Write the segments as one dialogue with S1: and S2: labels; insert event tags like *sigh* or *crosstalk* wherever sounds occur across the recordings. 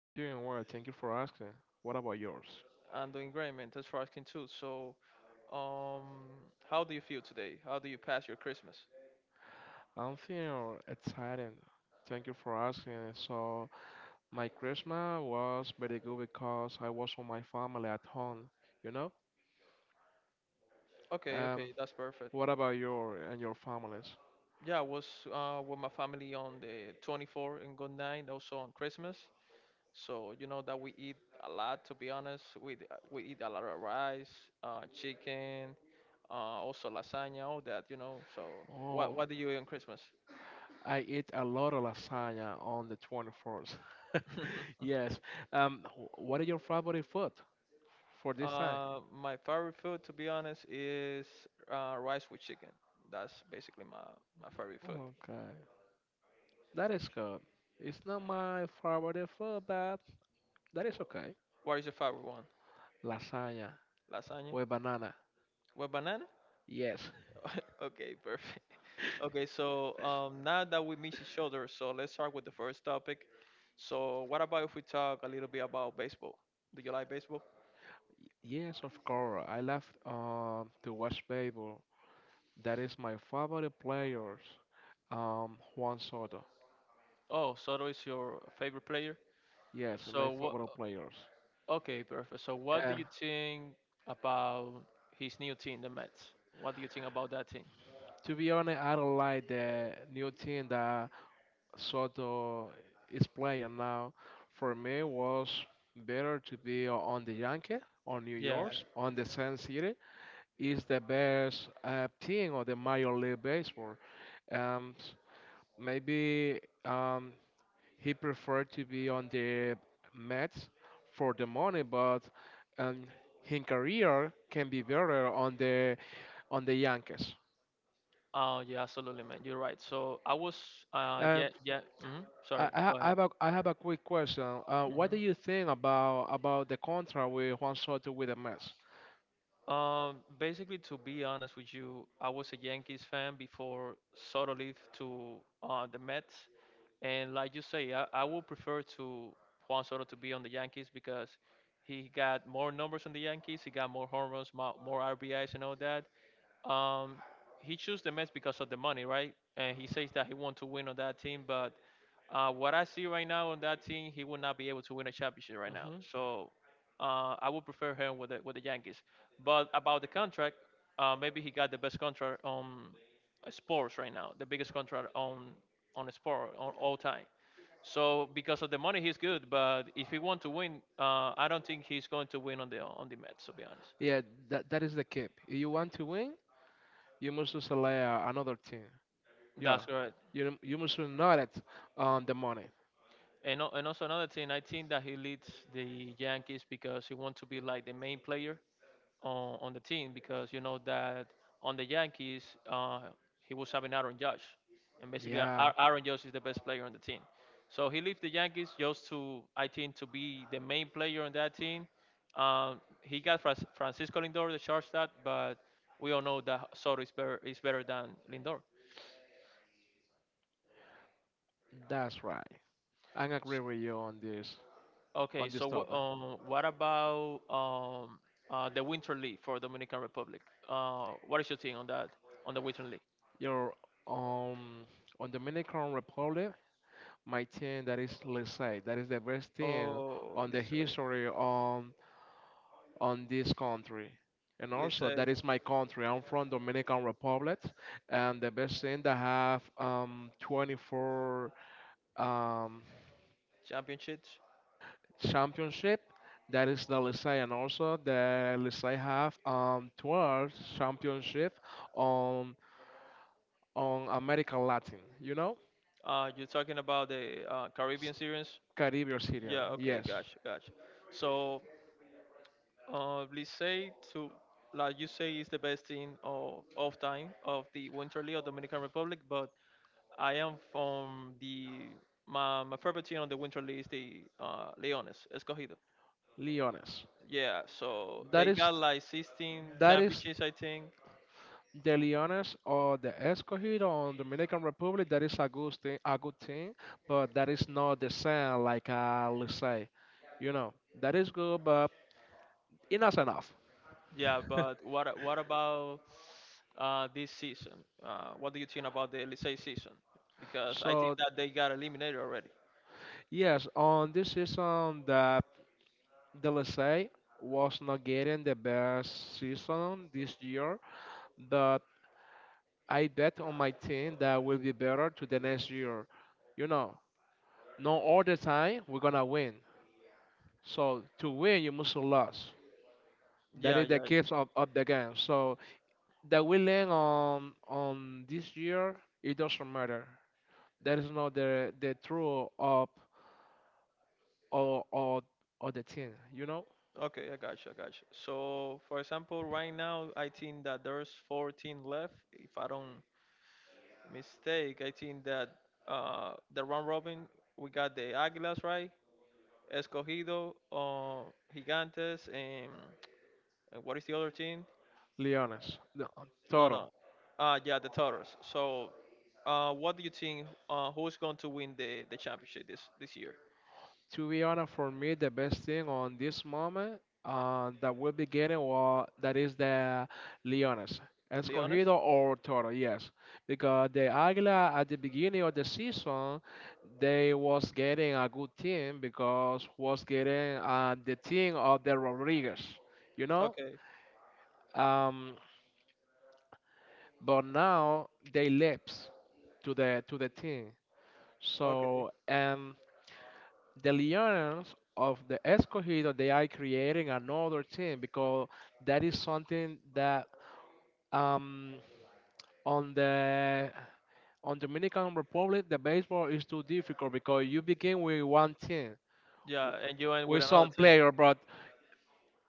S1: I'm doing well, thank you for asking. What about yours?
S2: I'm doing great, man. Thanks for asking too. So, um, how do you feel today? How do you pass your Christmas?
S1: I'm feeling excited. Thank you for asking. So, my Christmas was very good because I was with my family at home, you know?
S2: Okay,
S1: Um,
S2: okay, that's perfect.
S1: what about your and your families?
S2: Yeah, I was with my family on the 24th and good night, also on Christmas. So you know that we eat a lot. To be honest, we eat a lot of rice, chicken, also lasagna, all that. You know. So what
S1: Oh,
S2: what do you eat on Christmas?
S1: I eat a lot of lasagna on the 24th. *laughs*
S2: *laughs*
S1: Yes. What is your favorite food for this time?
S2: My favorite food, to be honest, is rice with chicken. That's basically my favorite food.
S1: Okay, that is good. It's not my favorite food, but that is okay.
S2: What is your favorite one?
S1: Lasagna.
S2: Lasagna
S1: With banana.
S2: with banana?
S1: Yes,
S2: *laughs* Okay, perfect. *laughs* Okay, so now that we meet each other, so let's start with the first topic. So, what about if we talk a little bit about baseball? Do you like baseball?
S1: yes, of course. I love to watch baseball. That is my favorite players. Juan Soto.
S2: Oh, Soto is your favorite player?
S1: Yes, my
S2: So what?
S1: favorite players.
S2: Okay, perfect. So what do
S1: And
S2: you think about his new team, the Mets? What do you think about that team?
S1: to be honest, I don't like the new team that Soto is playing now. For me, it was better to be on the Yankees, on New
S2: Yeah.
S1: York, on the Sun City. Is the best team of the Major League Baseball. Um, Maybe he preferred to be on the Mets for the money, but um, his career can be better on the Yankees.
S2: Oh yeah, absolutely, man. You're right. So
S1: Um,
S2: yeah, yeah. Hmm.
S1: I,
S2: Sorry,
S1: I
S2: go
S1: I
S2: ahead.
S1: have a, I have a quick question. What do
S2: Hmm.
S1: you think about the contract with Juan Soto with the Mets?
S2: Basically, to be honest with you, I was a Yankees fan before Soto left to the Mets, and like you say, I would prefer to Juan Soto to be on the Yankees because he got more numbers on the Yankees, he got more home runs, more RBIs, and all that. Um, he chose the Mets because of the money, right? And he says that he want to win on that team, but what I see right now on that team, he will not be able to win a championship right now.
S1: Hmm.
S2: So I would prefer him with with the Yankees. But about the contract, maybe he got the best contract on sports right now, the biggest contract on a sport on all time. So because of the money, he's good. But if he want to win, I don't think he's going to win on the Mets. To be honest,
S1: Yeah, that is the key. If you want to win, you must select another team. Yeah,
S2: that's correct.
S1: you must not it on the money.
S2: And also another thing, I think that he leads the Yankees because he wants to be like the main player on the team because you know that on the Yankees, uh, he was having Aaron Judge, and basically
S1: Yeah,
S2: Aaron Judge is the best player on the team. So he left the Yankees just to I think to be the main player on that team. He got Francisco Lindor, the shortstop, but we all know that Soto is better than Lindor.
S1: that's right. I agree with you on this
S2: Okay,
S1: on this
S2: so
S1: topic.
S2: what about the Winter League for Dominican Republic? What is your take on that, on the Winter League?
S1: You're um on Dominican Republic. My team that is Licey. That is the best team
S2: Oh,
S1: on the
S2: Licey,
S1: history on this country. And also
S2: Licey.
S1: that is my country. I'm from Dominican Republic, and the best team that have 24 um
S2: Championships?
S1: championship. That is the Licey, and also the Licey have 12 championship on on American Latin. You know.
S2: You're talking about the Caribbean Series?
S1: Caribbean Syrian,
S2: Yeah, okay,
S1: yes.
S2: gotcha, gotcha. So Blisay to like you say is the best team of time of the Winter League of Dominican Republic, but I am from the my, my favorite team on the Winter League is the Leones Escogido.
S1: Leones.
S2: Yeah, so
S1: That
S2: they
S1: is
S2: got like 16
S1: that is
S2: championships, I think.
S1: the Leones or the Escogido on Dominican Republic. That is a good thing, but that is not the same like, let's say, you know, that is good, but it's not enough.
S2: Yeah, but
S1: *laughs*
S2: what about this season? What do you think about the Licey season? Because I think
S1: So
S2: that they got eliminated already.
S1: yes, on this season that the Licey was not getting the best season this year, but I bet on my team that will be better to the next year. You know, not all the time we're gonna win. So to win, you must lose. That
S2: Yeah,
S1: is the
S2: yeah.
S1: case of the game. So the winning on this year, it doesn't matter. That is not the true of or or or the team. You know,
S2: Okay, I gotcha, I gotcha. So, for example, right now, I think that there's 14 left. If I don't mistake, I think that the round robin, we got the Águilas, right? Escogido, Gigantes, and what is the other team?
S1: Leones,
S2: No, no.
S1: Toro.
S2: Yeah, the Toros. So, what do you think? Who's going to win the championship this year?
S1: To be honest, for me, the best thing on this moment, that we'll be getting well, that is the Leones,
S2: Leones?
S1: Escogido or Toro, yes, because the Águila at the beginning of the season they was getting a good team because was getting the team of the Rodriguez, you know,
S2: Okay,
S1: um, but now they left to the team.
S2: okay.
S1: So, and the Lions of the Escogido, they are creating another team because that is something that um on the on Dominican Republic the baseball is too difficult because you begin with one team
S2: Yeah, and you end with
S1: with
S2: another
S1: some
S2: team.
S1: player, but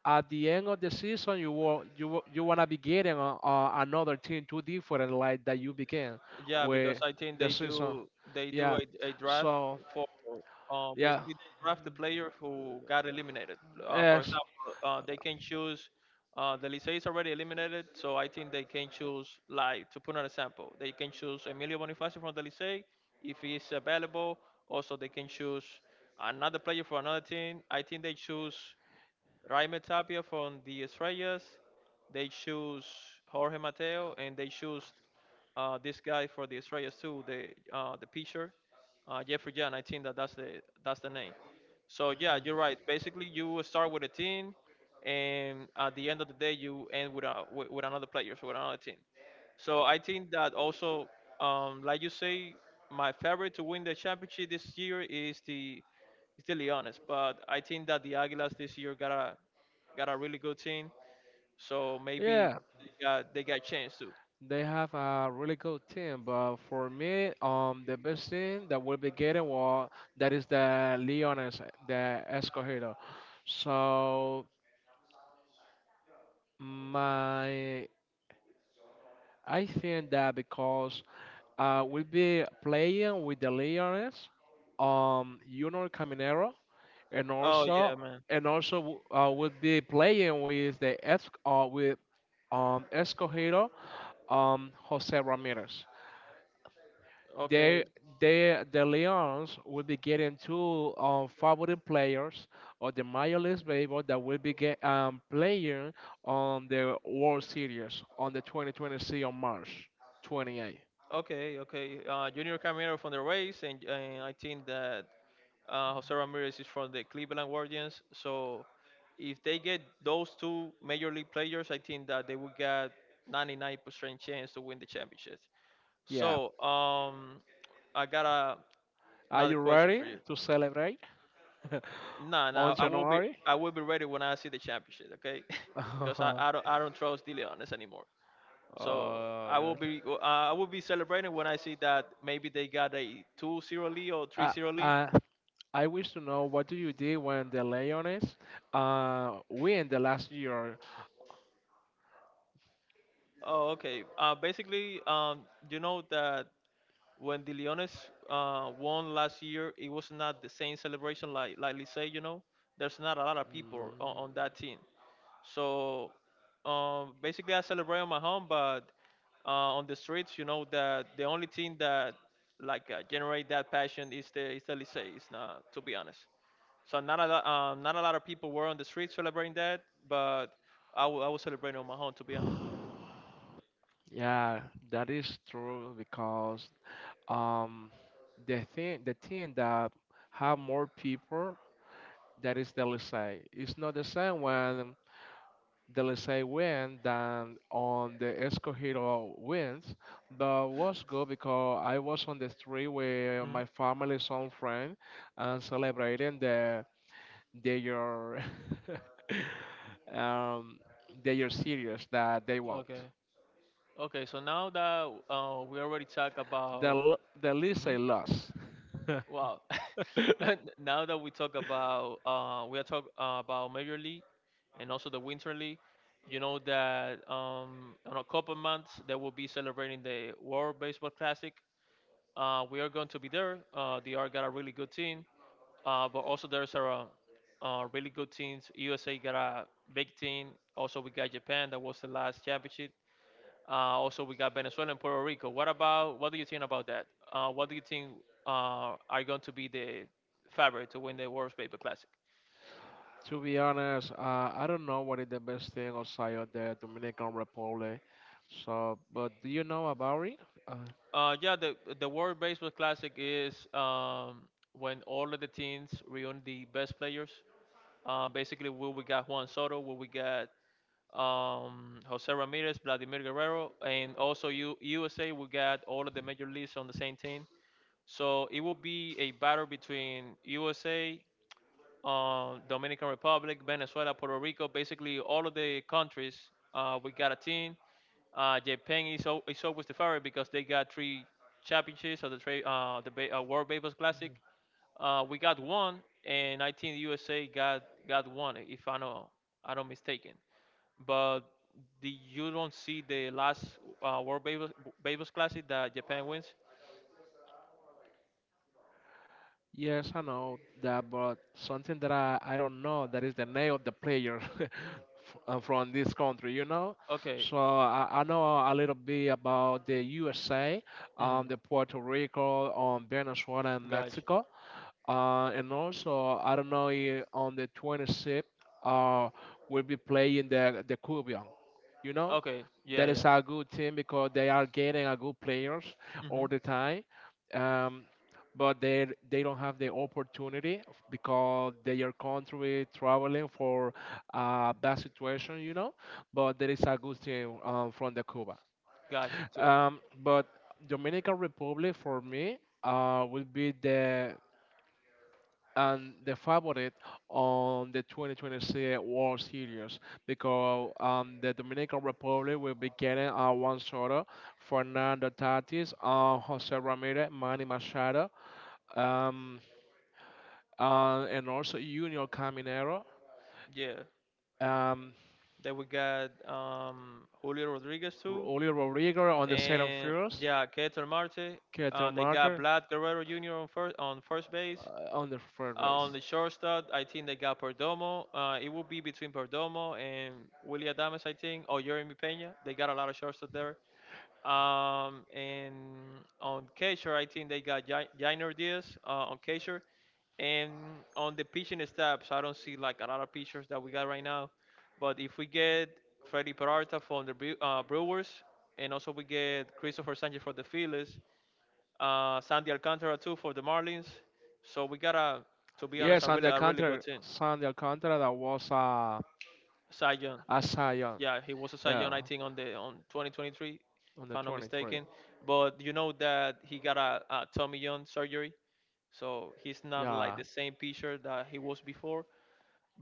S1: at the end of the season you will, you wa- you wanna be getting another team too different like that you begin
S2: Yeah,
S1: with
S2: because I think
S1: the season.
S2: they do
S1: Yeah.
S2: a draft
S1: So
S2: for
S1: yeah.
S2: basically they draft the player who got eliminated. For
S1: Yes.
S2: example, they can choose. The Licey is already eliminated, so I think they can choose, like, to put an example, they can choose Emilio Bonifacio from the Licey if he's available. Also, they can choose another player for another team. I think they choose Raime Tapia from the Estrellas. They choose Jorge Mateo, and they choose this guy for the Estrellas too, the pitcher, Jeffrey Jan. I think that that's the name. So yeah, you're right. Basically, you will start with a team, and at the end of the day, you end with another player, so with another team. So I think that also, like you say, my favorite to win the championship this year is the still honest. But I think that the Aguilas this year got a really good team, so maybe
S1: Yeah.
S2: they got chance too.
S1: They have a really good team, but for me, the best team that will be getting well, that is the Leones, the Escogido. So my, I think that because we'll be playing with the Leones, Junior Caminero, and
S2: Oh yeah,
S1: also,
S2: man.
S1: we'll be playing with Escogido, Jose Ramirez. they
S2: Okay,
S1: the Lions will be getting two favorite players of the Major League Baseball that will be playing on the World Series on the 2026 on March 28.
S2: okay, okay. Junior Camero from the Rays, and I think that Jose Ramirez is from the Cleveland Guardians. So if they get those two major league players, I think that they will get 99% chance to win the championship.
S1: Yeah.
S2: So I got
S1: Are
S2: another
S1: you
S2: question for
S1: ready
S2: you.
S1: to celebrate
S2: No,
S1: *laughs* on
S2: no,
S1: January?
S2: I will be ready when I see the championship, okay? *laughs*
S1: *laughs*
S2: because I,
S1: Oh,
S2: I don't I don't trust De Leonis anymore. So
S1: God.
S2: I will be celebrating when I see that maybe they got a 2-0 lead or
S1: Uh,
S2: 3-0 lead.
S1: uh, I wish to know what do you did when the Lions win the last year?
S2: Oh, okay. Basically, you know that when the Leones won last year, it was not the same celebration like Licey. You know, there's not a lot of people on
S1: Mm.
S2: that team. So basically, I celebrate on my home, but on the streets, you know that the only thing that generate that passion is the Licey. It's not, to be honest. So not a lot of people were on the streets celebrating that, but I was celebrating on my home, to be honest.
S1: Yeah, that is true because um, the thing that have more people that is the Licey. It's not the same when the Licey win than on the Escogido wins. But was good because I was on the street with
S2: Mhm.
S1: my family, some friend, and celebrating the your *laughs* um the your series that they won.
S2: Okay. Okay, so now that we already talk
S1: The
S2: about,
S1: l- the Licey
S2: Mhm.
S1: lost. *laughs*
S2: wow, *laughs* now that we talk about, we are talk about Major League and also the Winter League. You know that in a couple months they will be celebrating the World Baseball Classic. We are going to be there. The R got a really good team, but also there's a really good teams. USA got a big team. Also, we got Japan that was the last championship. Also, we got Venezuela and Puerto Rico. What about what do you think about that? What do you think are going to be the favorite to win the World Baseball Classic?
S1: To be honest, I don't know what is the best thing outside of the Dominican Republic. So, but do you know about it? Uh,
S2: Yeah, the World Baseball Classic is when all of the teams reunion the best players. Basically, where we got Juan Soto, where we got Jose Ramirez, Vladimir Guerrero, and also USA. We got all of the major leagues on the same team. So it will be a battle between USA, Dominican Republic, Venezuela, Puerto Rico, basically all of the countries. We got a team. Japan is always the favorite because they got three championships of the tra- the ba- World Baseball Classic. We got one, and I think the USA got one, if I know I don't mistaken. But the, you don't see the last uh, World Baseball, Baseball Classic that Japan wins.
S1: yes, I know that, but something that I don't know that is the name of the player *laughs* from this country, you know?
S2: Okay.
S1: So I know a little bit about the USA,
S2: Mm-hmm.
S1: the Puerto Rico, Venezuela, and
S2: Gotcha.
S1: Mexico. And also, I don't know, on the 26th, uh, we'll be playing the Kubion. You know,
S2: Okay. Yeah.
S1: that
S2: Yeah.
S1: is a good team because they are getting a good players
S2: Mm-hmm.
S1: all the time. Um, but they don't have the opportunity because their country traveling for a bad situation, you know. But there is a good team, from the Cuba.
S2: Gotcha. So.
S1: But Dominican Republic for me will be the favorite on the 2026 World Series because the Dominican Republic will be getting Juan Soto, Fernando Tatis, Jose Ramirez, Manny Machado, um, and also Junior Caminero,
S2: Yeah.
S1: um,
S2: Then we got Julio Rodriguez too,
S1: Julio Rodriguez on the second
S2: and
S1: first,
S2: yeah, Keter Marte.
S1: Keter
S2: They got
S1: Martin
S2: Vlad Guerrero Jr. on first base.
S1: on the third
S2: On
S1: base.
S2: the shortstop, I think they got Perdomo. It will be between Perdomo and Willie Adames, I think, or Jeremy Pena. They got a lot of shortstop there. And on catcher, I think they got Jainer Diaz on catcher. And on the pitching staffs, I don't see like a lot of pitchers that we got right now. But if we get Freddy Peralta from the Brewers, and also we get Christopher Sanchez for the Phillies, Sandy Alcantara too for the Marlins. So we got to be honest,
S1: Yes, and the
S2: a really good
S1: counter,
S2: team.
S1: Sandy Alcantara that was,
S2: Cy Young.
S1: a Zion,
S2: Yeah, he was a Cy Young, I
S1: yeah,
S2: think, on the on 2023,
S1: on
S2: if
S1: the
S2: I'm not
S1: 23.
S2: mistaken. But you know that he got a Tommy John surgery, so he's not like
S1: Yeah,
S2: the same pitcher that he was before.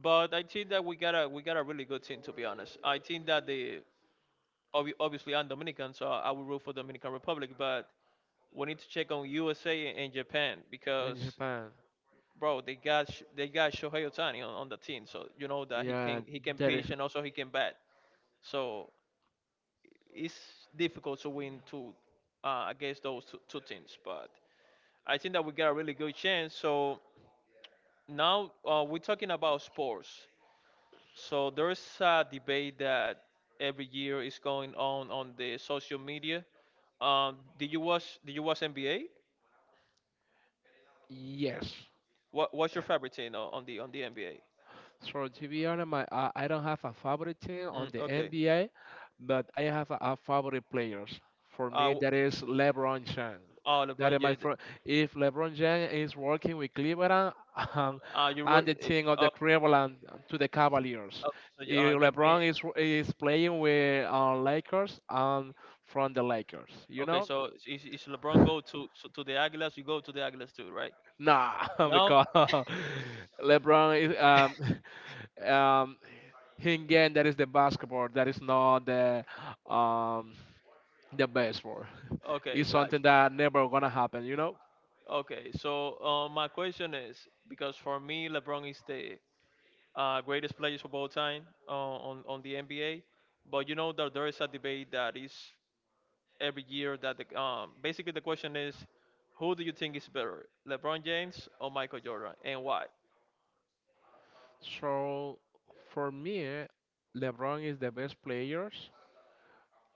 S2: But I think that we got a really good team, to be honest. I think that obviously I'm Dominican, so I will root for Dominican Republic, but we need to check on USA and Japan
S1: in
S2: because.
S1: Japan.
S2: Bro, they got they got Shohei Otani on the team, so you know that he
S1: Yeah,
S2: can he can
S1: that is,
S2: pitch and also he can bat. So it's difficult to win two against those two, two teams. But I think that we got a really good chance. So now we're talking about sports. So there's a debate that every year is going on the social media. Did you watch? Did you watch NBA?
S1: yes.
S2: What's your favorite team on the NBA?
S1: So to be honest, I don't have a favorite team
S2: Mm,
S1: on the
S2: okay.
S1: NBA, but I have a favorite players. For
S2: Uh,
S1: me,
S2: w-
S1: that is LeBron James.
S2: oh,
S1: That is
S2: LeBron
S1: my
S2: James.
S1: fir- If LeBron James is working with Cleveland, *laughs* um,
S2: Uh, you wrote.
S1: and the
S2: eh,
S1: team of the
S2: Uh,
S1: Cleveland to the Cavaliers.
S2: uh, so
S1: If
S2: you mean
S1: LeBron is playing with, Lakers, and from the Lakers, you
S2: okay?
S1: know.
S2: So is LeBron go
S1: *laughs*
S2: to so to the Aguilas? You go to the Aguilas too, right?
S1: Nah. *laughs*
S2: No?
S1: Because *laughs* LeBron is um *laughs* um him game that is the basketball that is not um the baseball. *laughs*
S2: Okay,
S1: It's
S2: gotcha.
S1: something that never gonna happen, you know.
S2: Okay, so my question is because for me, LeBron is the greatest player of all time on the NBA, but you know that there is a debate that is every year that the basically the question is, who do you think is better, LeBron James or Michael Jordan, and why?
S1: So for me, LeBron is the best players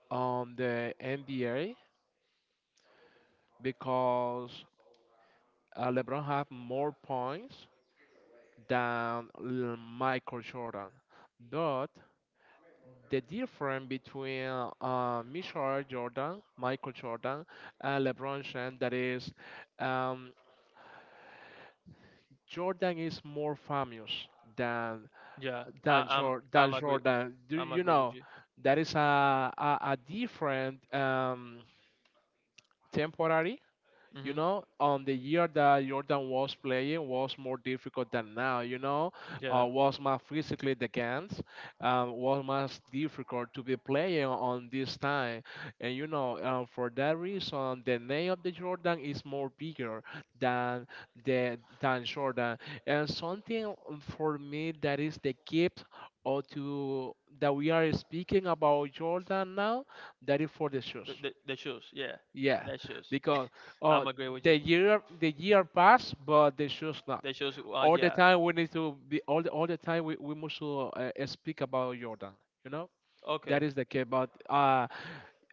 S1: on the NBA because LeBron have more points than Michael Jordan. But the difference between, Michael Jordan, and LeBron James that is, um, Jordan is more famous than
S2: Yeah, I,
S1: than,
S2: I'm
S1: Jor- than
S2: I'm agree
S1: Jordan. Do
S2: I'm
S1: you
S2: agree with
S1: know
S2: you.
S1: that is a different, temporary. You
S2: Hmm.
S1: know, on the year that Jordan was playing was more difficult than now. You know,
S2: Yeah,
S1: was more physically the games, was much difficult to be playing on this time. And you know, for that reason, the name of the Jordan is more bigger than than Jordan. And something for me that is the gift or to that we are speaking about Jordan now, that is for the shoes.
S2: the shoes. Yeah,
S1: Yeah,
S2: that shoes. *laughs*
S1: because uh,
S2: I'm agree with you.
S1: the year pass, but the shoes not.
S2: The shoes,
S1: All the
S2: yeah,
S1: time we need to be all the, All the time we must speak about Jordan. You know that
S2: okay.
S1: is the case. But uh,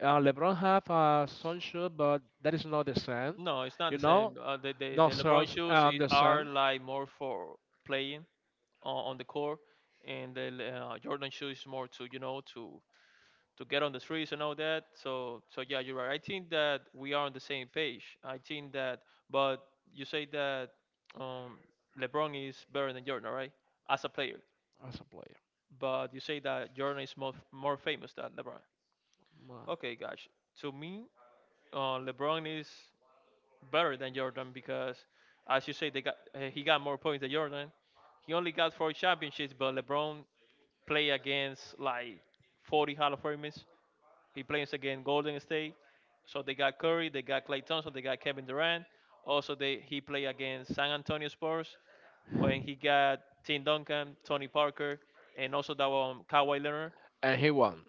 S1: uh LeBron have a sun shoe, but that is not the same.
S2: No, it's not
S1: You
S2: the
S1: know,
S2: same.
S1: no
S2: The LeBron
S1: sales
S2: shoes is,
S1: the
S2: are
S1: same
S2: like more for playing on the court, and the Jordan shoes is more to you know to get on the streets and all that. So so yeah, you're right. I think that we are on the same page. I think that, but you say that um, LeBron is better than Jordan, right? As a player,
S1: as a player.
S2: but you say that Jordan is more famous than LeBron.
S1: Wow.
S2: Okay, gosh. To me, LeBron is better than Jordan because, as you say, they got he got more points than Jordan. He only got four championships, but LeBron play against like 40 Hall of Famers. He plays against Golden State, so they got Curry, they got Klay Thompson, so they got Kevin Durant. Also, they he play against San Antonio Spurs when he got Tim Duncan, Tony Parker, and also that one Kawhi Leonard
S1: And he won.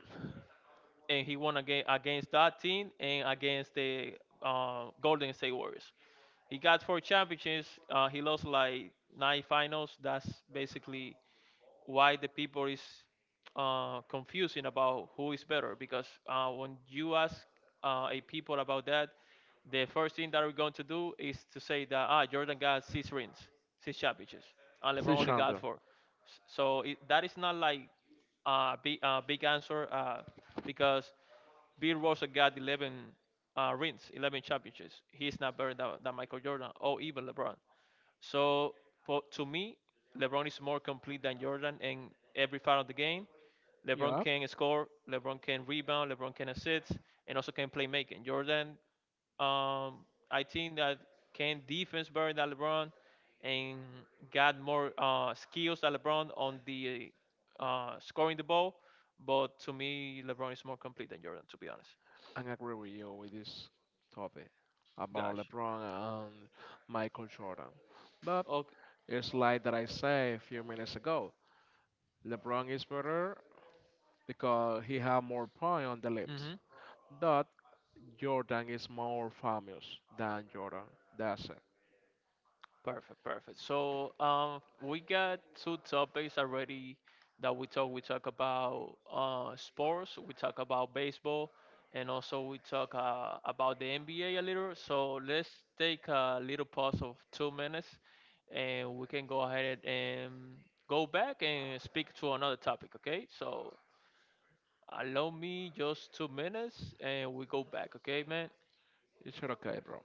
S2: and he won again against that team and against the Golden State Warriors. He got four championships. He lost like nine finals. That's basically why the people is confusing about who is better because when you ask a people about that, the first thing that we're going to do is to say that ah Jordan got 6 rings, 6 championships, and LeBron
S1: It's
S2: only got
S1: champion.
S2: four. So that is not like a big, big answer because Bill Russell got 11 rings, 11 championships. He's not better than Michael Jordan or even LeBron. So for, to me, LeBron is more complete than Jordan in every part of the game. LeBron
S1: Yeah.
S2: can score, LeBron can rebound, LeBron can assist, and also can play making. Jordan, um, I think that can defense better than LeBron, and got more skills than LeBron on the scoring the ball. But to me, LeBron is more complete than Jordan, to be honest.
S1: I agree with you with this topic about
S2: Gosh.
S1: LeBron and Michael Jordan. But
S2: Okay.
S1: it's like that I say a few minutes ago. LeBron is better because he have more point on the lips.
S2: Mm-hmm.
S1: But Jordan is more famous than Jordan. That's it.
S2: Perfect, perfect. So we got two topics already that we talk. We talk about sports. We talk about baseball, and also we talk about the NBA a little. So let's take a little pause of 2 minutes, and we can go ahead and go back and speak to another topic. Okay? So allow me just 2 minutes, and we go back. Okay, man.
S1: It's okay, bro.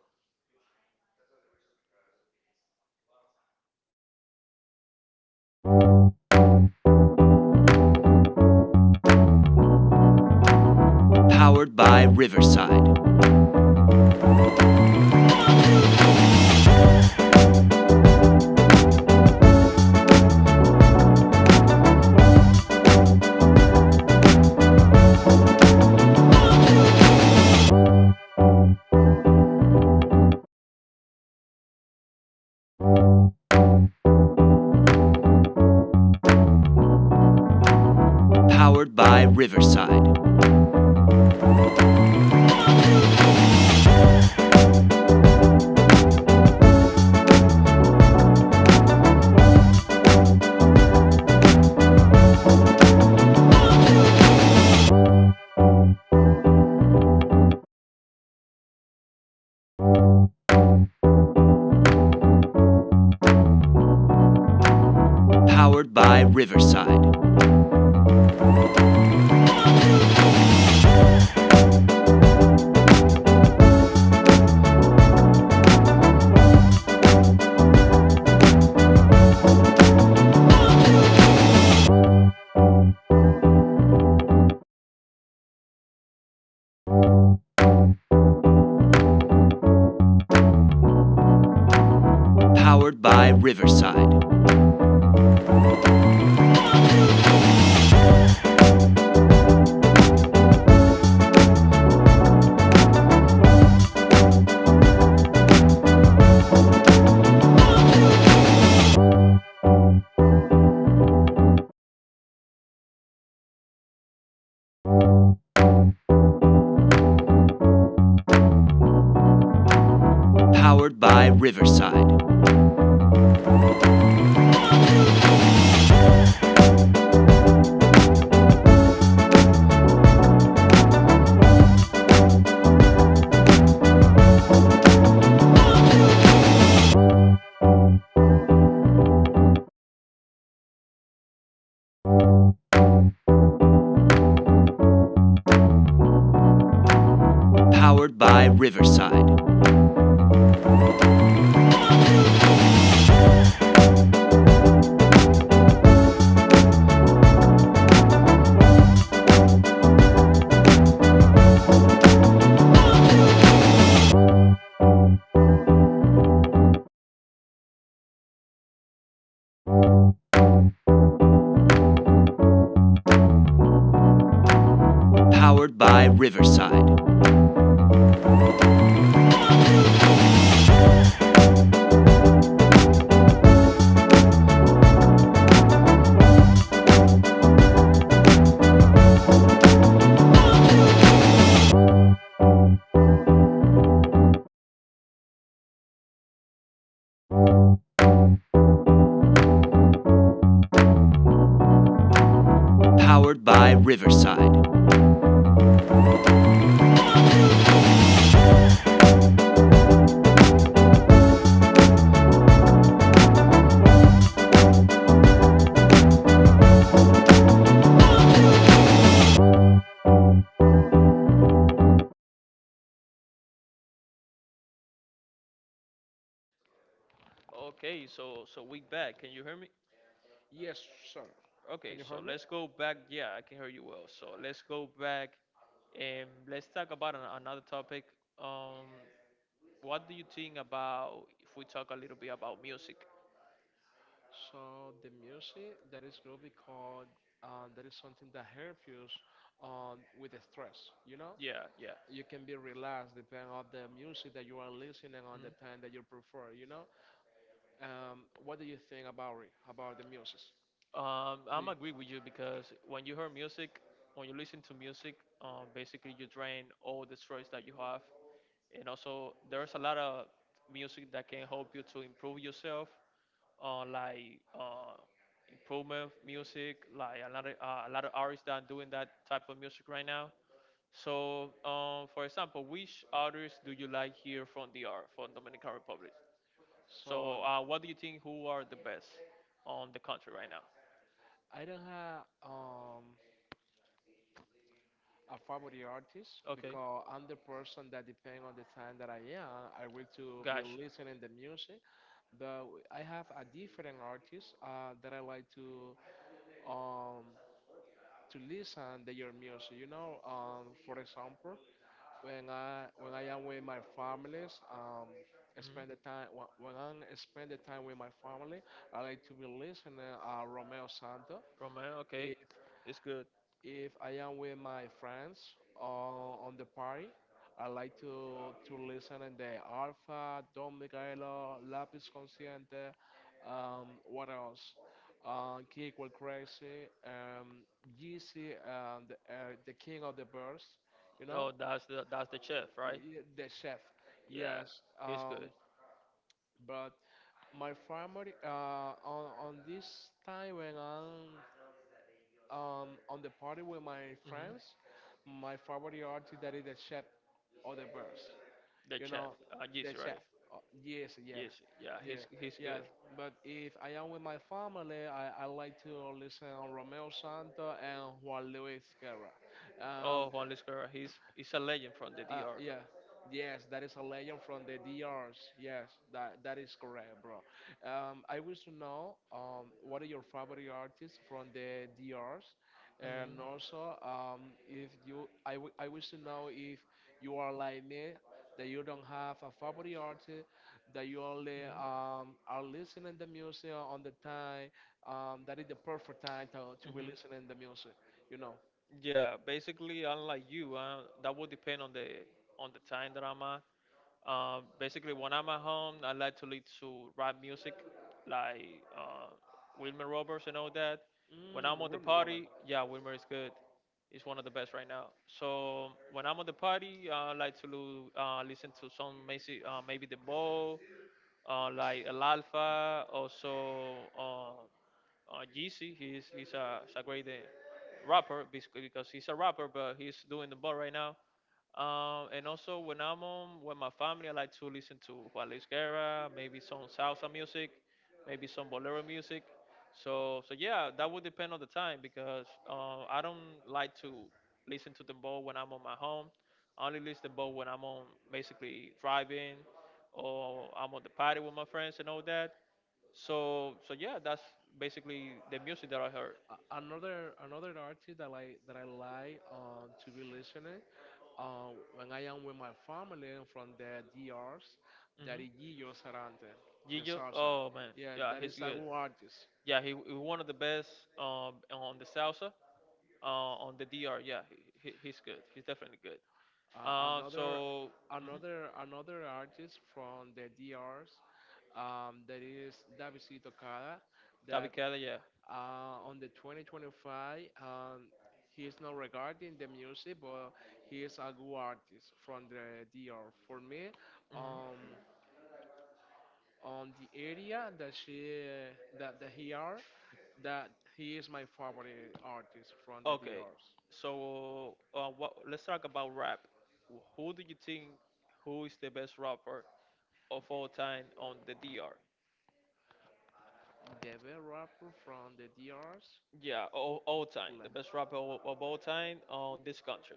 S2: Okay. So so we back. Can you hear me?
S1: Yes, sir. Can
S2: Okay,
S1: you hear
S2: so
S1: me?
S2: let's go back. Yeah, I can hear you well. So let's go back and let's talk about another topic. Um, what do you think about if we talk a little bit about music?
S1: So the music that is good because, that is something that helps you, with the stress, you know?
S2: Yeah, yeah.
S1: You can be relaxed depending on the music that you are listening on the
S2: Mhm.
S1: time that you prefer, you know. What do you think about it about the music? do you-
S2: I'm agree with you because when you hear music, when you listen to music, basically you drain all the stress that you have, and also there's a lot of music that can help you to improve yourself uh, like uh, improvement music, like a lot of artists that are doing that type of music right now. So, for example, which artists do you like here from the from Dominican Republic?
S1: so
S2: So, what do you think? Who are the best on the country right now?
S1: I don't have, a favorite artist
S2: Okay,
S1: because I'm the person that depending on the time that I am I will to be
S2: gosh.
S1: listening the music. But I have a different artist, that I like to, um, to listen to your music, for example, when I am with my families, I
S2: Hmm.
S1: spend the time, when I spend the time with my family, I like to be listening, Romeo Santo.
S2: Romeo.
S1: If
S2: Okay, it's good.
S1: if I am with my friends, on the party, I like to listen in the Alpha, Don Miguelo, Lapis Consciente, what else? Kick Will Crazy, Yeezy, and the King of the Birds, you know.
S2: Oh, that's the chef, right?
S1: Yeah, the chef, yes.
S2: Yeah, he's
S1: Um,
S2: good.
S1: but my family, on this time when I'm on the party with my friends,
S2: Hmm.
S1: my favorite artist that is the chef or the verse.
S2: The
S1: You know,
S2: chef,
S1: the
S2: yes,
S1: chef.
S2: right?
S1: Yes, yeah,
S2: Yes, yeah,
S1: yeah,
S2: he's
S1: yes.
S2: good.
S1: But if I am with my family, I like to listen on Romeo Santo and Juan Luis Guerra. Um,
S2: Oh, Juan Luis Guerra, he's a legend from the DR.
S1: Yeah. Yes, that is a legend from the DRs. Yes, that is correct, bro. I wish to know what are your favorite artists from the DRs,
S2: Mhm.
S1: and also if you, I, w I wish to know if you are like me, that you don't have a favorite artist, that you only are listening the music on the time, that is the perfect time to
S2: Mhm.
S1: be
S2: Mhm.
S1: listening the music, you know.
S2: Yeah, basically, unlike you, that would depend on the time that I'm at. Basically, when I'm at home, I like to listen to rap music, like uh, Wilmer Roberts and all that. When I'm
S1: Mm,
S2: on the
S1: Rema Robin.
S2: party, yeah, Wilmer is good. He's one of the best right now. So when I'm on the party, I like to listen to some maybe, maybe the Bo, like El Alfa, also Yeezy. He's he's a great rapper because he's a rapper, but he's doing the ball right now. And also when I'm on with my family, I like to listen to Juan Luis Guerra, maybe some salsa music, maybe some bolero music. So, so yeah, that would depend on the time because I don't like to listen to dembow when I'm on my home. I only listen to dembow when I'm on basically driving, or I'm on the party with my friends and all that. So, so yeah, that's basically the music that I heard.
S1: Another artist that I like to be listening, when I am with my family and from the DRs, that is
S2: Hmm.
S1: Gillo Sarante, the
S2: Gillo,
S1: salsa.
S2: oh man,
S1: Yeah, that
S2: yeah,
S1: is
S2: he's
S1: a good
S2: good.
S1: artist.
S2: Yeah, he one of the best on the salsa, on the DR. Yeah, he's good. He's definitely good.
S1: Uh, another
S2: So mhm.
S1: another artist from the DRs, that is David Tocada, that
S2: David Keller, yeah.
S1: On the 2025, um, he is not regarding the music, but he is a good artist from the DR for me,
S2: Hmm.
S1: um, on the area that she that, that he are that he is my favorite artist from the
S2: Okay,
S1: DRs.
S2: so what, let's talk about rap. Who do you think who is the best rapper of all time on the DR?
S1: The best rapper from the DRs,
S2: Yeah, all time,
S1: like,
S2: the best rapper of all time on this country.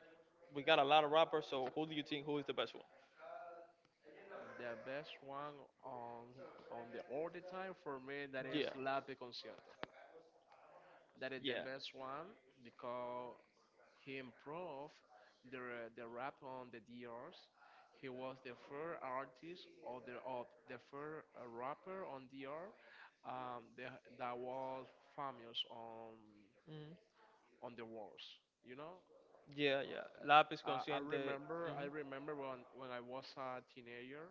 S2: We got a lot of rappers, so who do you think who is the best one?
S1: the best one on the all the time for me, that is
S2: Yeah,
S1: La Consciente. That is the
S2: yeah.
S1: best one because he improved the rap on the DRs. He was the first artist, of the first, rapper on D.R., um, the, that was famous on the walls.
S2: Yeah, yeah. Lápiz
S1: I, I
S2: consciente.
S1: remember I
S2: Hmm.
S1: remember when when I was a teenager,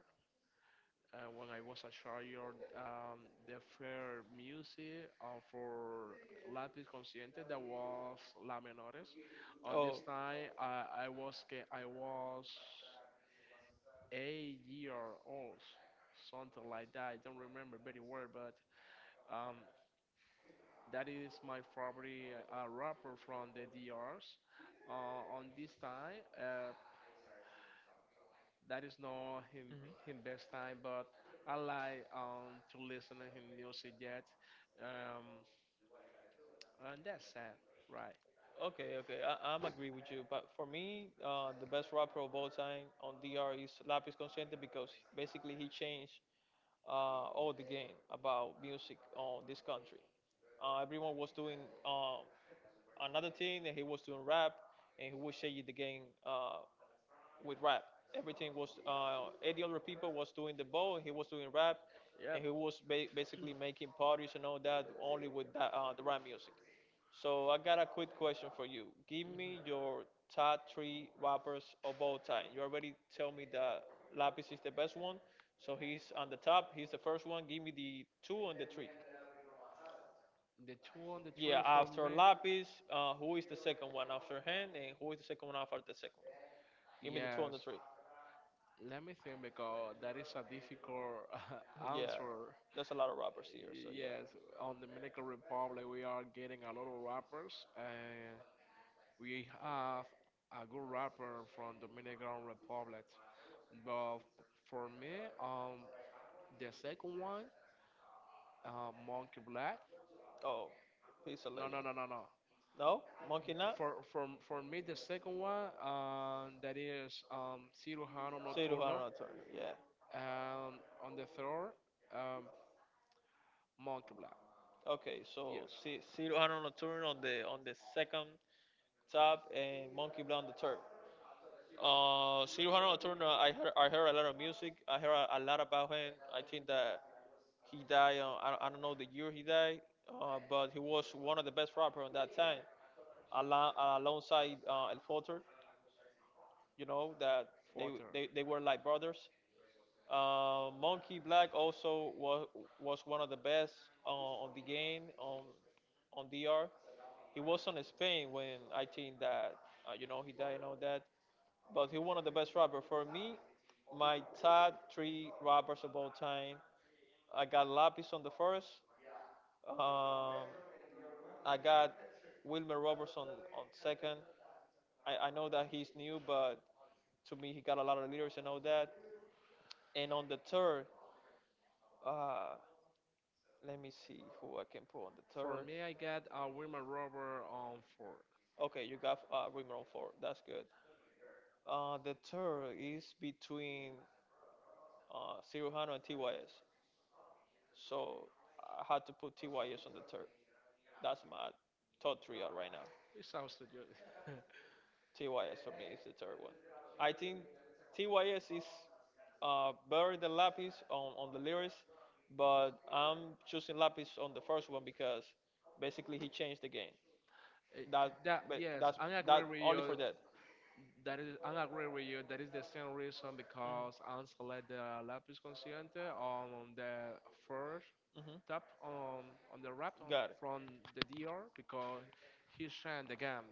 S1: when I was a child, the fair music for Lápiz Consciente, that was La Menores. On this
S2: Oh.
S1: time, I was 8 year old, something like that. I don't remember very well, but um, that is my favorite rapper from the DRs. On this time, that is not him
S2: Mhm.
S1: him best time, but I like to listen to him music yet. Um, and that's sad, right?
S2: Okay, okay. I'm agree with you. But for me, the best rapper of all time on D.R. is Lápiz Consciente because basically he changed all the game about music on this country. Everyone was doing uh, another thing, and he was doing rap, and he was changing the game. With rap. Everything was 80 other people was doing the bowl, he was doing rap,
S1: Yep.
S2: and he
S1: *clears throat*
S2: was basically making parties and all that only with that, the rap music. So I got a quick question for you. Give me your top three rappers of all time. You already tell me that Lapis is the best
S1: Mhm.
S2: one, so he's on the top. He's the first one. Give me the two and the three.
S1: The two on the trail
S2: Yeah,
S1: for
S2: after
S1: me.
S2: Lapis, who is the second one after him, and who is the second one after the second one? Give me the two and
S1: Yes,
S2: the three.
S1: let me think because that is a difficult *laughs*
S2: Yeah,
S1: answer.
S2: there's a lot of robbers here. So yeah.
S1: Yes, on Dominican Republic we are getting a lot of rappers, and we have a good rapper from Dominican Republic. But for me, the second one, Monkey Black.
S2: Oh, he's a
S1: No,
S2: legend.
S1: no, no, no, no.
S2: No, Monkey Knot,
S1: For me, the second one, that is, Cirujano Nocturno.
S2: Ciruano Nocturno. Yeah.
S1: On the third, um, Moncla.
S2: Okay,
S1: Yes,
S2: so Ciruano Nocturno on the second top, and Monkey Blonde the third. Ciruano Nocturno, I heard a lot of music. I heard a lot about him. I think that he died. I don't know the year he died, but he was one of the best rappers on that time, alo- alongside El Fotor. You know that
S1: fourth.
S2: they, they were like brothers. Monkey Black also was one of the best on the game on DR. He was on Spain when I think that you know he died and all that, but he one of the best rappers for me. My top three rappers of all time. I got Lapis on the first. Um, I got Wilmer Roberts on second. I know that he's new, but to me he got a lot of leaders and all that. And on the third, uh, let me see who I can put on the
S1: For
S2: third.
S1: me, I got, Wilma Robert on four.
S2: Okay, you got Rimmer on four. That's good. The third is between Ciruhano and TYS. So I had to put TYS on the third. That's my top three out right now.
S1: It sounds to you. *laughs*
S2: TYS for me is the third one. I think TYS is better than Lapis on the lyrics, but I'm choosing Lapis on the first one because basically he changed the game.
S1: Eh,
S2: That,
S1: that
S2: but
S1: yes,
S2: that's
S1: I agree
S2: that
S1: with
S2: only
S1: you.
S2: for that.
S1: That is, I agree with you. That is the same reason
S2: Mhm.
S1: because I select the Lapis Consciente on the first top
S2: Mm-hmm.
S1: on the rap
S2: Got it.
S1: from the DR, because he sang the games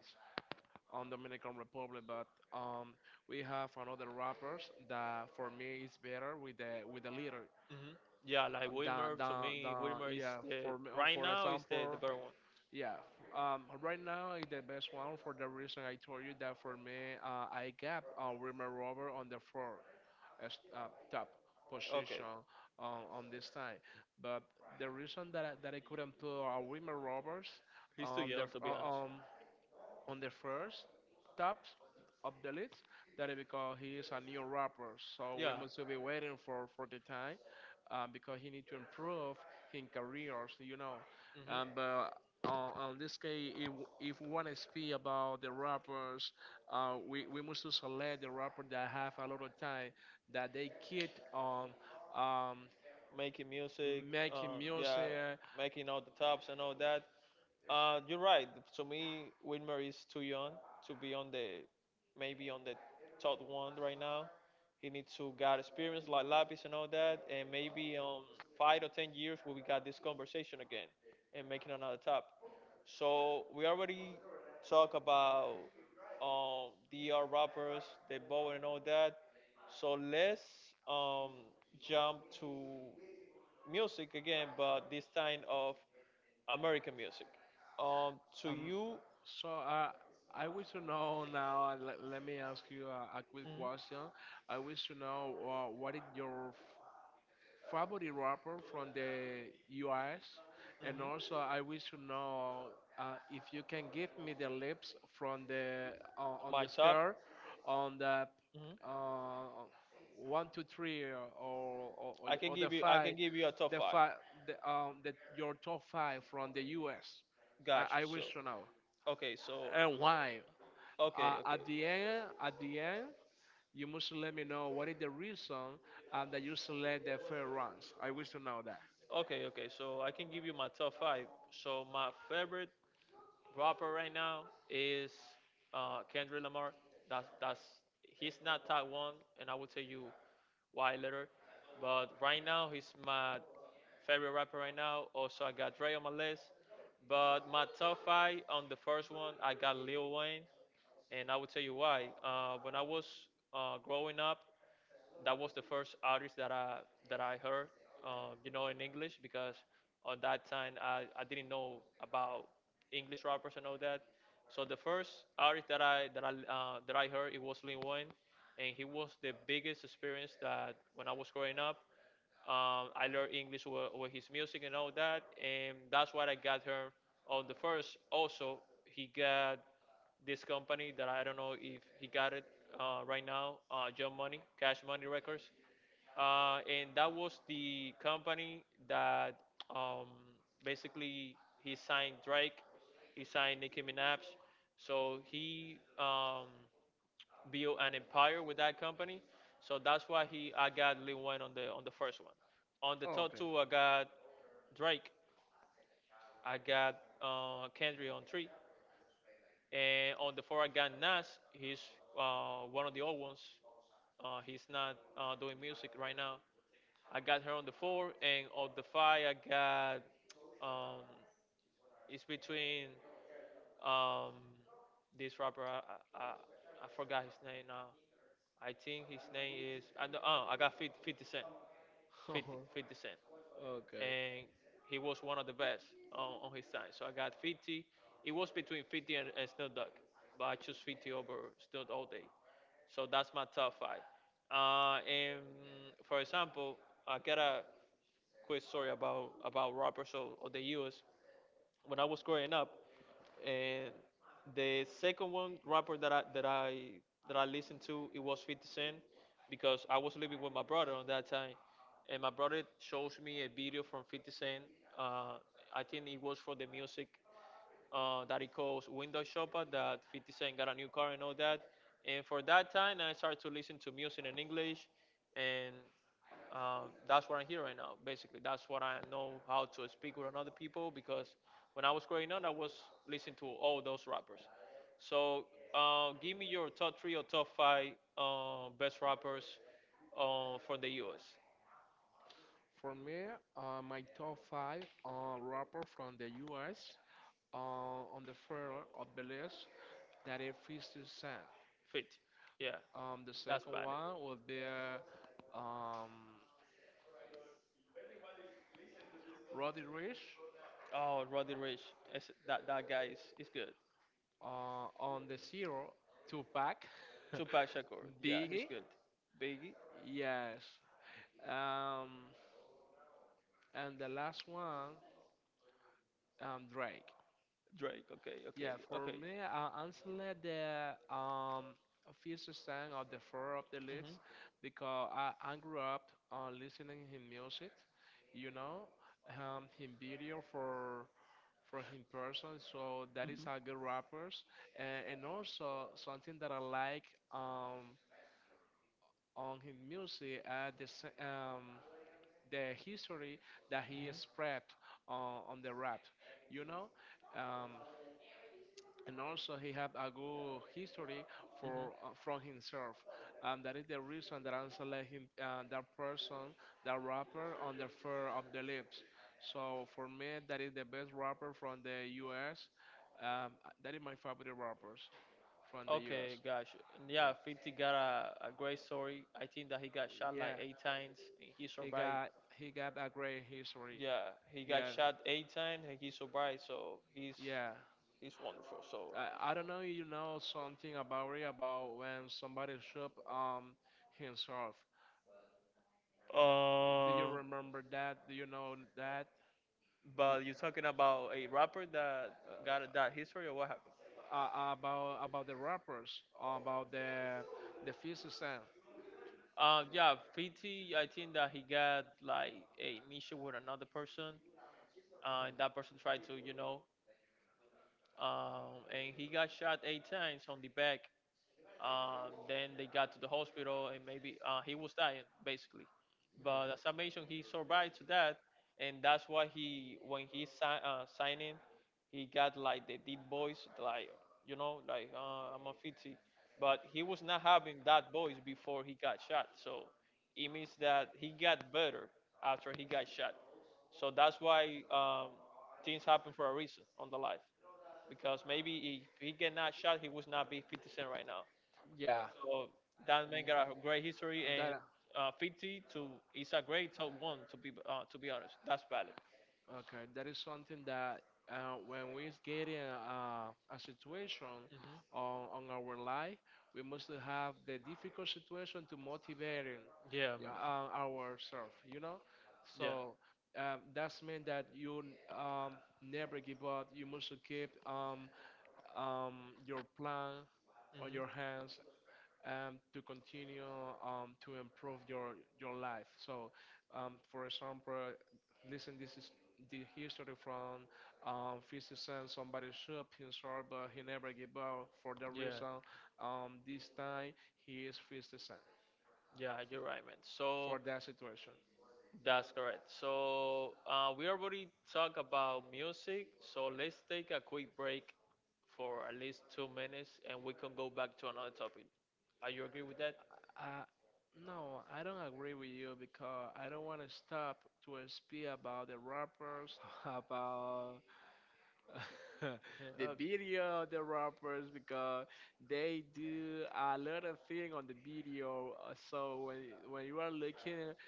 S1: on Dominican Republic. But um, we have another rappers that for me is better with the leader.
S2: Hmm. Yeah, like
S1: The,
S2: Wilmer,
S1: the,
S2: to
S1: the,
S2: me, Wilmer is
S1: yeah, for
S2: the
S1: me,
S2: right
S1: for
S2: now is the
S1: example,
S2: better one.
S1: yeah. Right now is the best one for the reason I told you, that for me, I got, Wilmer Robert on the floor as, top
S2: Okay.
S1: position on this time. But the reason that I couldn't put, Wilmer Roberts
S2: He's too
S1: on
S2: young to be honest.
S1: on the first top of the list, that is because he is a new rapper, so we
S2: Yeah.
S1: must be waiting for the time, because he need to improve his careers,
S2: hmm
S1: but on this case, if we want to speak about the rappers, we must to select the rapper that have a lot of time, that they keep on, um,
S2: Making music,
S1: making
S2: yeah,
S1: music.
S2: making all the tops and all that. You're right. To me, Wilmer is too young to be on the maybe on the top one right now. He needs to got experience like Lapis and all that, and maybe 5 or 10 years we got this conversation again and making another top. So we already talk about DR rappers, the bow and all that. So let's um jump to music again, but this time of American music. To
S1: Um,
S2: you,
S1: so I wish to know now. Let me ask you a quick
S2: mhm,
S1: question. I wish to know, what is your favorite rapper from the U.S. And also,
S2: mhm,
S1: I wish to know, if you can give me the lips from the on the
S2: my top.
S1: scale on the
S2: mhm.
S1: uh, one to three, or or, or, or the
S2: I
S1: five,
S2: can give you a top
S1: the
S2: five.
S1: five the your top five from the U.S.
S2: Gotcha.
S1: I wish
S2: So,
S1: to know.
S2: okay. So,
S1: And why? Uh,
S2: okay, okay,
S1: at the end, at the end, you must let me know what is the reason, that you select the fair runs. I wish to know that.
S2: okay, okay. So I can give you my top five. So my favorite rapper right now is Kendrick Lamar. That's, he's not top one, and I will tell you why later. But right now he's my favorite rapper right now. Also I got Dre on my list, but my top five on the first one I got Lil Wayne, and I will tell you why. When I was growing up, that was the first artist that I heard, you know, in English because on that time I didn't know about English rappers and all that. So the first artist that I heard it was Lil Wayne, and he was the biggest experience that when I was growing up. I learned English with, his music and all that, and that's what I got her on the first. Also, he got this company that I don't know if he got it right now, John Money, Cash Money Records, and that was the company that um, basically he signed Drake, he signed Nicki Minaj, so he build an empire with that company. So that's why he I got Lil Wayne on the first one. On the top
S1: Okay.
S2: two, I got Drake. I got Kendrick on three, and on the four I got Nas. He's one of the old ones. He's not doing music right now. I got her on the four, and on the five I got um, it's between Um, this rapper, I forgot his name now. I think his name is I know, I got Fifty Cent,
S1: *laughs* Okay.
S2: and he was one of the best on his time. So I got 50. It was between 50 and Snoop Dogg, but I chose 50 over Snoop all day. So that's my top five. And for example, I got a quick story about rappers of the U.S when I was growing up, and the second one rapper that I listened to it was 50 Cent because I was living with my brother on that time, and my brother shows me a video from 50 Cent. Uh, I think it was for the music that it calls window shopper, that 50 Cent got a new car and all that. And for that time, I started to listen to music in English, and that's what I hear right now. Basically, that's what I know how to speak with another people because when I was growing up, I was listening to all those rappers. So, give me your top three or top five best rappers from the U.S.
S1: For me, my top five, rapper from the U.S. Uh, on the fair of the list, that is 50 Cent.
S2: Fit, yeah,
S1: The
S2: that's
S1: second
S2: about it.
S1: one would be, Roddy Rich.
S2: Oh, Roddy Rich, it's- that that guy is good.
S1: On the zero to back, *laughs*
S2: Tupac Shakur. Yeah, he's
S1: Biggie,
S2: good. Biggie,
S1: yes. Um, and the last one, Drake.
S2: Drake. Okay, okay,
S1: Yeah, for
S2: okay.
S1: me, I select the first stand of the four of the
S2: hmm
S1: list because I grew up on listening his music, you know, his video for him person. So that is a good rappers, and, also something that I like. Um, on his music at the history that he spread on the rap, you know, um, and also he had a good history
S2: hmm hmm
S1: for from himself, and that is the reason that I select him, that person, that rapper on the fur of the lips. So for me, that is the best rapper from the U.S. Um, that is my favorite rappers from the U.S.
S2: Okay, gosh. Yeah,
S1: Yeah,
S2: 50 got a great story. I think that he got shot like
S1: yeah,
S2: eight times and he
S1: he
S2: survived.
S1: got he got a great history.
S2: Yeah, he got
S1: Yeah,
S2: shot eight times and he survived, so
S1: yeah.
S2: he's wonderful. So,
S1: I don't know if you know something about it, about when somebody shot himself. Do you
S2: uh,
S1: remember that? Do you know that? Do-
S2: but you're talking about a rapper that got that history or what happened?
S1: about the rappers, about the physicist. Yeah.
S2: Yeah, 50, I think that he got like a issue with another person, and that person tried to, you know, and he got shot eight times on the back. Then they got to the hospital, and maybe he was dying basically. But as I mentioned, he survived to that, and that's why he, when he signing, he got like the deep voice, like you know, like I'm a 50. But he was not having that voice before he got shot, so it means that he got better after he got shot. So that's why things happen for a reason on the life, because maybe if he get not shot, he would not be 50 Cent right now.
S1: Yeah.
S2: So that man got a great history,
S1: Mm.
S2: and
S1: That
S2: 50 to is a great top one to be honest. That's valid.
S1: Okay, that is something that, when we is getting a situation
S2: hmm
S1: on our life, we must have the difficult situation to motivating,
S2: Yeah, man.
S1: ourselves, you know?
S2: Yeah.
S1: So, that's mean that you, um, never give up. You must keep, your plan on your
S2: hmm
S1: hands, to continue, to improve your life. So, for example, listen, this is the history from, physician. Somebody shoot himself, but he never give up. For that
S2: Yeah,
S1: reason, this time he is physician
S2: yeah, you're right, man. So
S1: for that situation.
S2: that's correct. So we already talked about music. So let's take a quick break for at least 2 minutes, and we can go back to another topic. Are you agree with that?
S1: Uh, no, I don't agree with you because I don't want to stop to speak about the rappers, *laughs* about *laughs*
S2: Yeah,
S1: the
S2: uh,
S1: video of the rappers, because they do a lot of thing on the video, so when you are looking,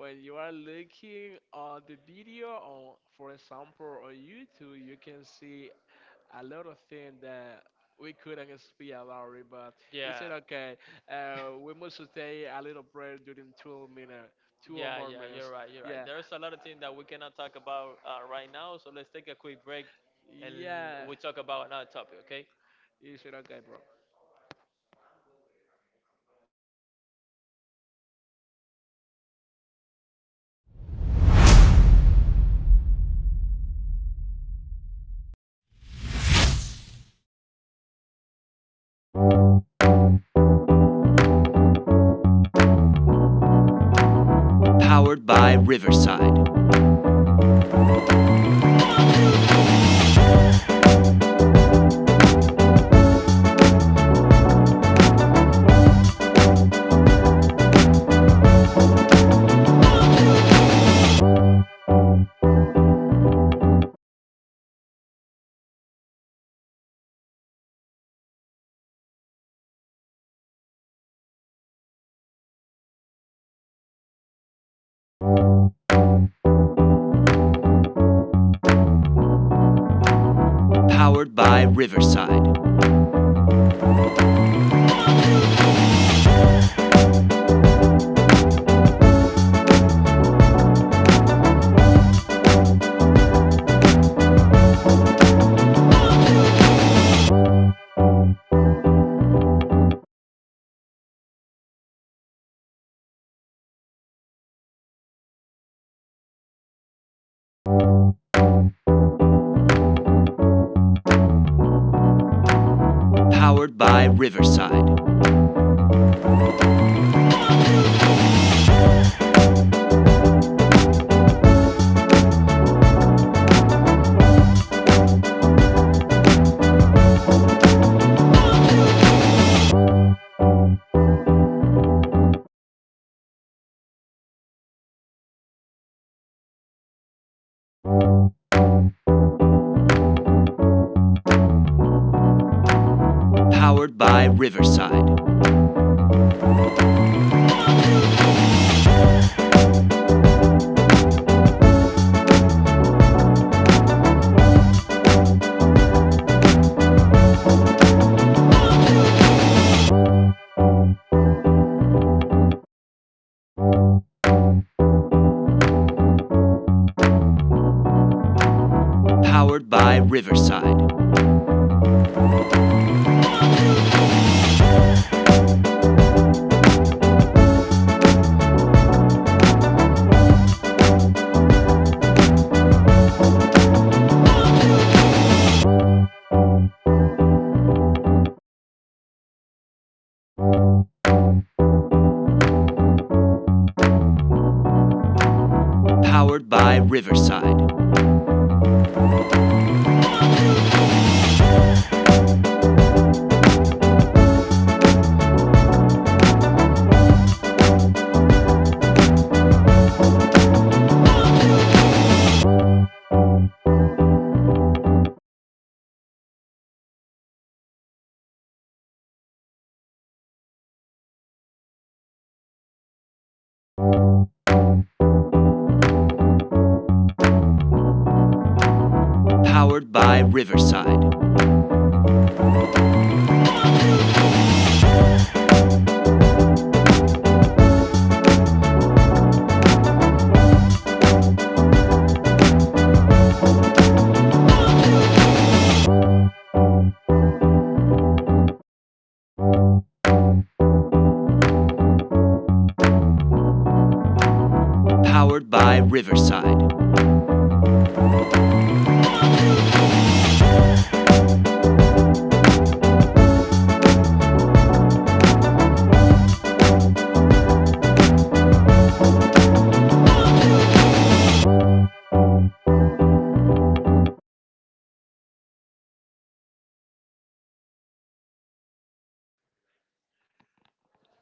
S1: on the video on, for example, on youtube, you can see a lot of things that we couldn't speak about it, but it's
S2: yeah,
S1: okay. We must stay a little break during 2 minutes, two or
S2: yeah,
S1: more
S2: yeah, you're
S1: minutes.
S2: right, you're right.
S1: Yeah,
S2: There's a lot of things that we cannot talk about right now, so let's take a quick break and
S1: yeah,
S2: we talk about another topic, okay?
S1: is it okay, bro?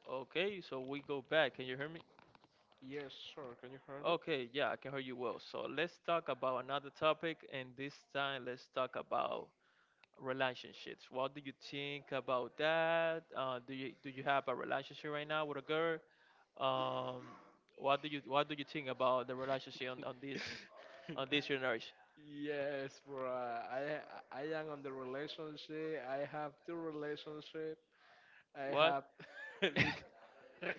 S2: Okay, so we go back. Can you hear me?
S1: Yes, sir, can you hear me?
S2: Okay, yeah, I can hear you well. So let's talk about another topic, and this time let's talk about relationships. What do you think about that? Do you have a relationship right now with a girl? Um, what do you think about the relationship on this on this generation?
S1: Yes, bro. I am on the relationship. I have two relationship. I
S2: What? *laughs*
S1: have *laughs* bec- *laughs*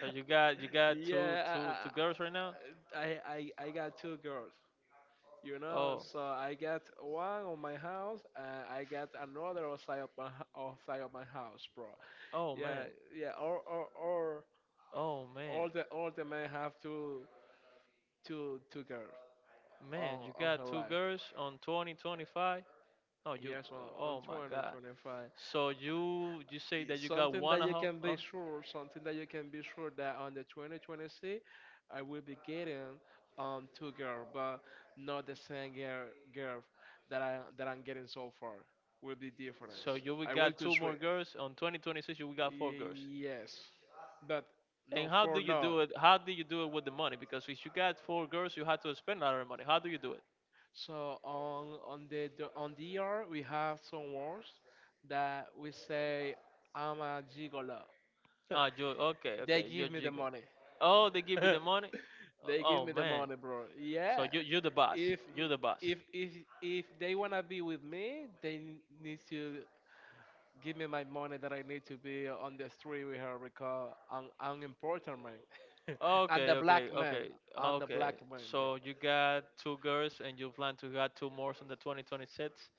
S2: So you got
S1: yeah. I, I
S2: two girls right now?
S1: I I I got two girls. You know,
S2: Oh,
S1: so I got one on my house, and I got another outside of outside of my house, bro.
S2: oh
S1: Yeah,
S2: man.
S1: yeah. Or
S2: Oh man,
S1: all the men have two girls
S2: man,
S1: on
S2: you
S1: on
S2: got
S1: her
S2: two
S1: life.
S2: girls on 2025? No, you,
S1: Yes, on
S2: oh my
S1: 20,
S2: god.
S1: 25.
S2: So you say that
S1: It's
S2: you got
S1: something
S2: one
S1: that you
S2: how?
S1: can be
S2: Oh,
S1: sure, something that you can be sure that on the 2026, I will be getting two girls, but not the same girl that I'm getting so far. Will be different.
S2: so you we
S1: I will
S2: got
S1: to
S2: two
S1: three.
S2: more girls on 2026. You we got four girls.
S1: Yes, but no
S2: And how do
S1: for
S2: you
S1: now.
S2: do it? How do you do it with the money? Because if you got four girls, you have to spend a lot of money. How do you do it?
S1: So on the ER we have some words that we say, I'm a gigolo.
S2: Ah, you okay?
S1: They
S2: Okay, you're
S1: give me the
S2: jiggle.
S1: money.
S2: Oh, they give you
S1: *laughs*
S2: the money.
S1: They give
S2: Oh
S1: me the
S2: man.
S1: money, bro.
S2: So
S1: Yeah.
S2: you the boss.
S1: If
S2: You the boss.
S1: if if if they wanna be with me, they need to give me my money that I need to be on the street with her because I'm important man. *laughs* I'm
S2: Okay,
S1: the
S2: okay,
S1: black man.
S2: okay,
S1: I'm the
S2: okay.
S1: black man, bro.
S2: So you got two girls and you plan to got two more on the 2026.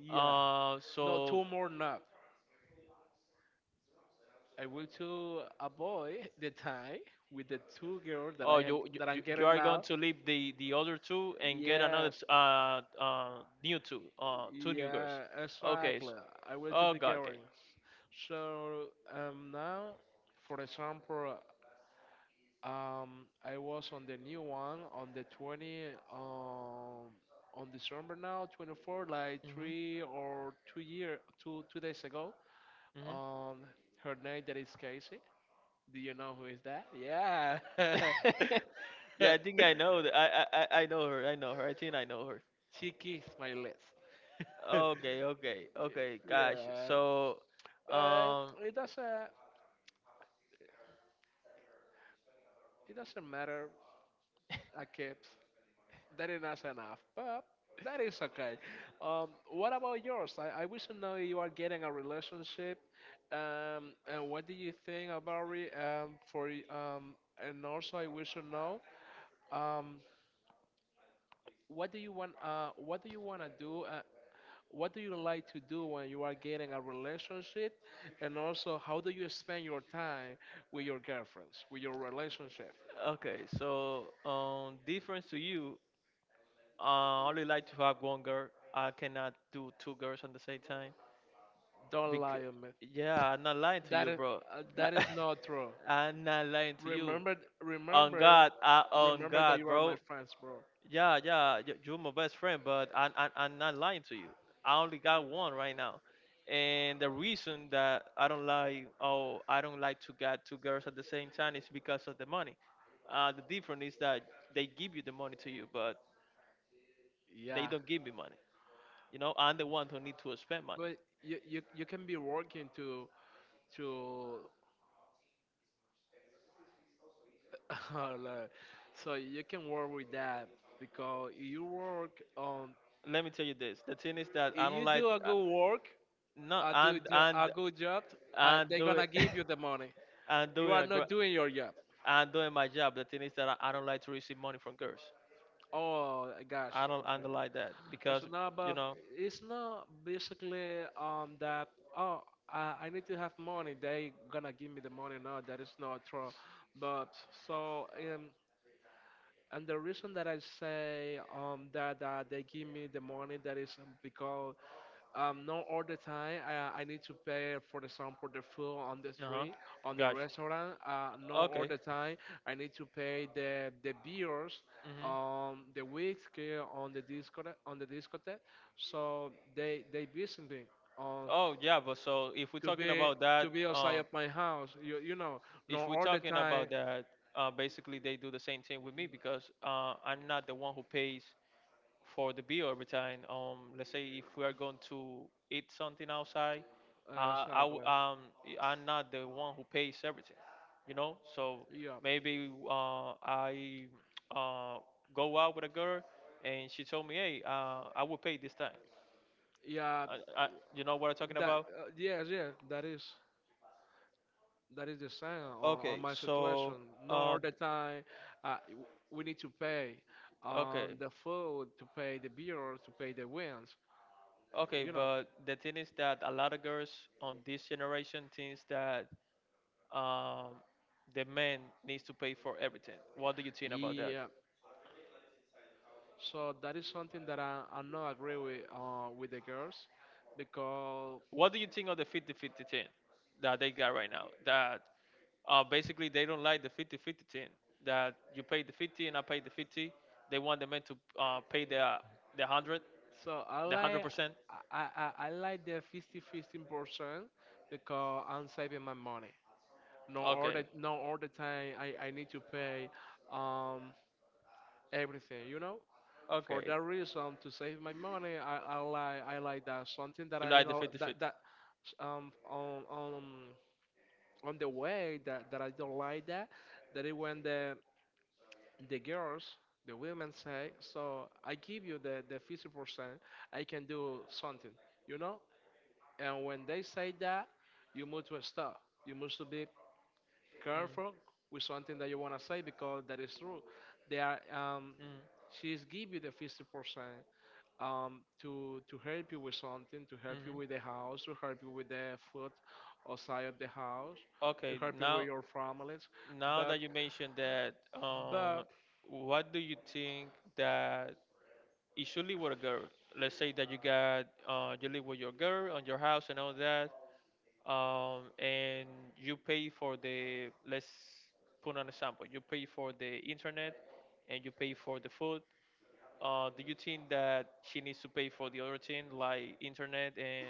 S1: Yeah.
S2: Uh,
S1: No,
S2: so
S1: two more nap. I will to avoid the time with the two girls that
S2: oh,
S1: I
S2: you you,
S1: that I'm
S2: you you
S1: getting
S2: are going
S1: now.
S2: to leave the other two and get
S1: Yes,
S2: new two two new girls.
S1: yeah,
S2: Okay.
S1: exactly. I went to
S2: Oh
S1: the
S2: God. Okay.
S1: gathering. So, now, for example, I was on the new one on the 20, um, on December now 24, like
S2: Mhm.
S1: 3 or 2 year two days ago.
S2: Mhm.
S1: Um, Her name that is Casey. Do you know who is that? Yeah, *laughs*
S2: *laughs* Yeah, I think I know that. I know her. I know her. I think I know her.
S1: she kissed my lips. *laughs*
S2: Okay. Okay. Okay. Gosh.
S1: Yeah,
S2: So.
S1: but
S2: Um,
S1: it doesn't. It doesn't matter. I kept, that is not enough, but that is okay. What about yours? I wish to know you are getting a relationship. And what do you think about it? And also I wish to know. Um, what do you want? What do you want to do? What do you like to do when you are getting a relationship? And also, how do you spend your time with your girlfriends, with your relationship?
S2: Okay, so difference to you, I only like to have one girl. I cannot do two girls at the same time.
S1: Don't
S2: Because
S1: lie on me.
S2: yeah, I'm not lying to
S1: That
S2: you,
S1: is
S2: bro.
S1: uh,
S2: That
S1: that is not true.
S2: *laughs* I'm not lying to you.
S1: Remember,
S2: On
S1: remember,
S2: God, I, on
S1: remember that
S2: God,
S1: you are my
S2: bro.
S1: friends, bro.
S2: Yeah, you're my best friend, but I'm not lying to you. I only got one right now, and the reason that I don't like, oh, I don't like to get two girls at the same time is because of the money. The difference is that they give you the money to you, but they
S1: Yeah,
S2: don't give me money. You know, I'm the one who need to spend money.
S1: but you can be working to *laughs* like, so you can work with that, because
S2: Let me tell you this. The thing is that I
S1: if
S2: don't
S1: you
S2: like,
S1: do a good work,
S2: no,
S1: a good job,
S2: I'm,
S1: they're gonna
S2: it. *laughs*
S1: give you the money.
S2: I'm
S1: You
S2: doing
S1: are
S2: a
S1: not
S2: gr-
S1: doing your job.
S2: I'm doing my job. The thing is that I don't like to receive money from girls.
S1: Oh gosh.
S2: I don't underline that because
S1: Nah,
S2: you
S1: but
S2: know.
S1: it's not basically that, oh I need to have money. They gonna give me the money, no. That is not true. But so, um and the reason that I say, that, they give me the money, that is, because, not all the time I need to pay, for example, the food on the
S2: Uh huh.
S1: street, on the
S2: Gosh.
S1: restaurant. Not all
S2: Okay.
S1: the time I need to pay the beers,
S2: Mhm.
S1: the whiskey on the discotheque, on the discotheque. So they visit me. Um,
S2: Oh yeah, but so if we're
S1: to
S2: talking
S1: be
S2: about
S1: to be outside of my house, you know,
S2: if
S1: not
S2: we're
S1: all the
S2: talking
S1: time.
S2: about that, basically they do the same thing with me because I'm not the one who pays for the B orbiting, let's say if we are going to eat something outside, uh, I w-
S1: Exactly.
S2: um, I'm not the one who pays everything, you know. So
S1: Yeah,
S2: maybe I uh, go out with a girl, and she told me, "Hey, I will pay this time."
S1: yeah.
S2: I, I, you know what I'm talking
S1: That
S2: about?
S1: Yes, yeah, that is the sign on
S2: Okay,
S1: my situation.
S2: so
S1: Not all
S2: uh,
S1: the time. We need to pay on
S2: okay,
S1: the food, to pay the beer, to pay the wins.
S2: okay,
S1: You know.
S2: but the thing is that a lot of girls on this generation thinks that um, the man needs to pay for everything. What do you think about that?
S1: Yeah. So that is something that I not agree with, with the girls, because
S2: What do you think of the 50-50 team that they got right now? That basically they don't like the 50-50 team. That you pay the 50 and I pay the 50. They want the men to pay the 100,
S1: so I
S2: the
S1: like.
S2: 100%.
S1: I like the 50 15% because I'm saving my money. No all
S2: Okay,
S1: the no all the time I need to pay, um everything, you know. For
S2: okay.
S1: that reason, to save my money, I like that, something that
S2: You
S1: I,
S2: like the
S1: that
S2: 50-50?
S1: that on on the way, that I don't like, that, that is when the girls, the women say, so I give you the 50%, I can do something, you know. And when they say that, you move to a stop, you must to be
S2: Mm,
S1: careful with something that you wanna say, because that is true, they are, she's give you the 50%, to help you with something, to
S2: mm,
S1: help you with the
S2: mm.
S1: house, to help you with the food outside of the house, to
S2: Okay,
S1: help you with
S2: now
S1: your families.
S2: now
S1: That
S2: that you mentioned that,
S1: that
S2: uh, what do you think that it should live with a girl. Let's say that you got you live with your girl on your house and all that, and you pay for the let's put an example. You pay for the internet, and you pay for the food. Do you think that she needs to pay for the other thing like internet and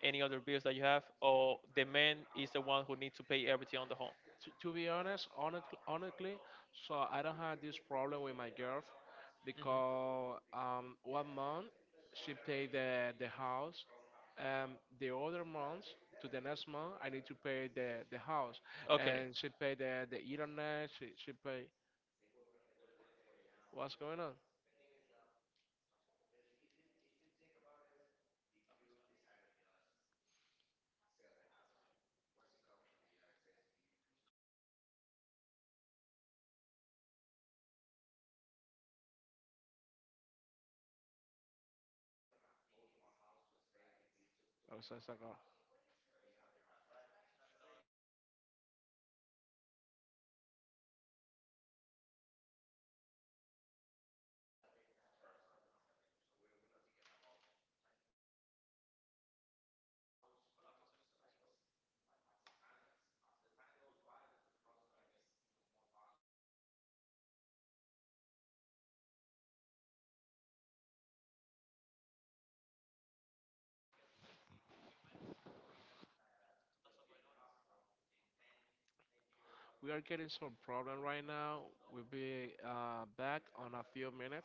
S2: any other bills that you have, or the man is the one who needs to pay everything on the home?
S1: To be honest, honestly, honestly, so I don't have this problem with my girl
S2: Mhm.
S1: because, one month she paid the house, the other month, to the next month I need to pay the house, and she paid the internet, she paid. What's going on? Oh, so go. We are getting some problem right now. We'll be, back on a few minutes.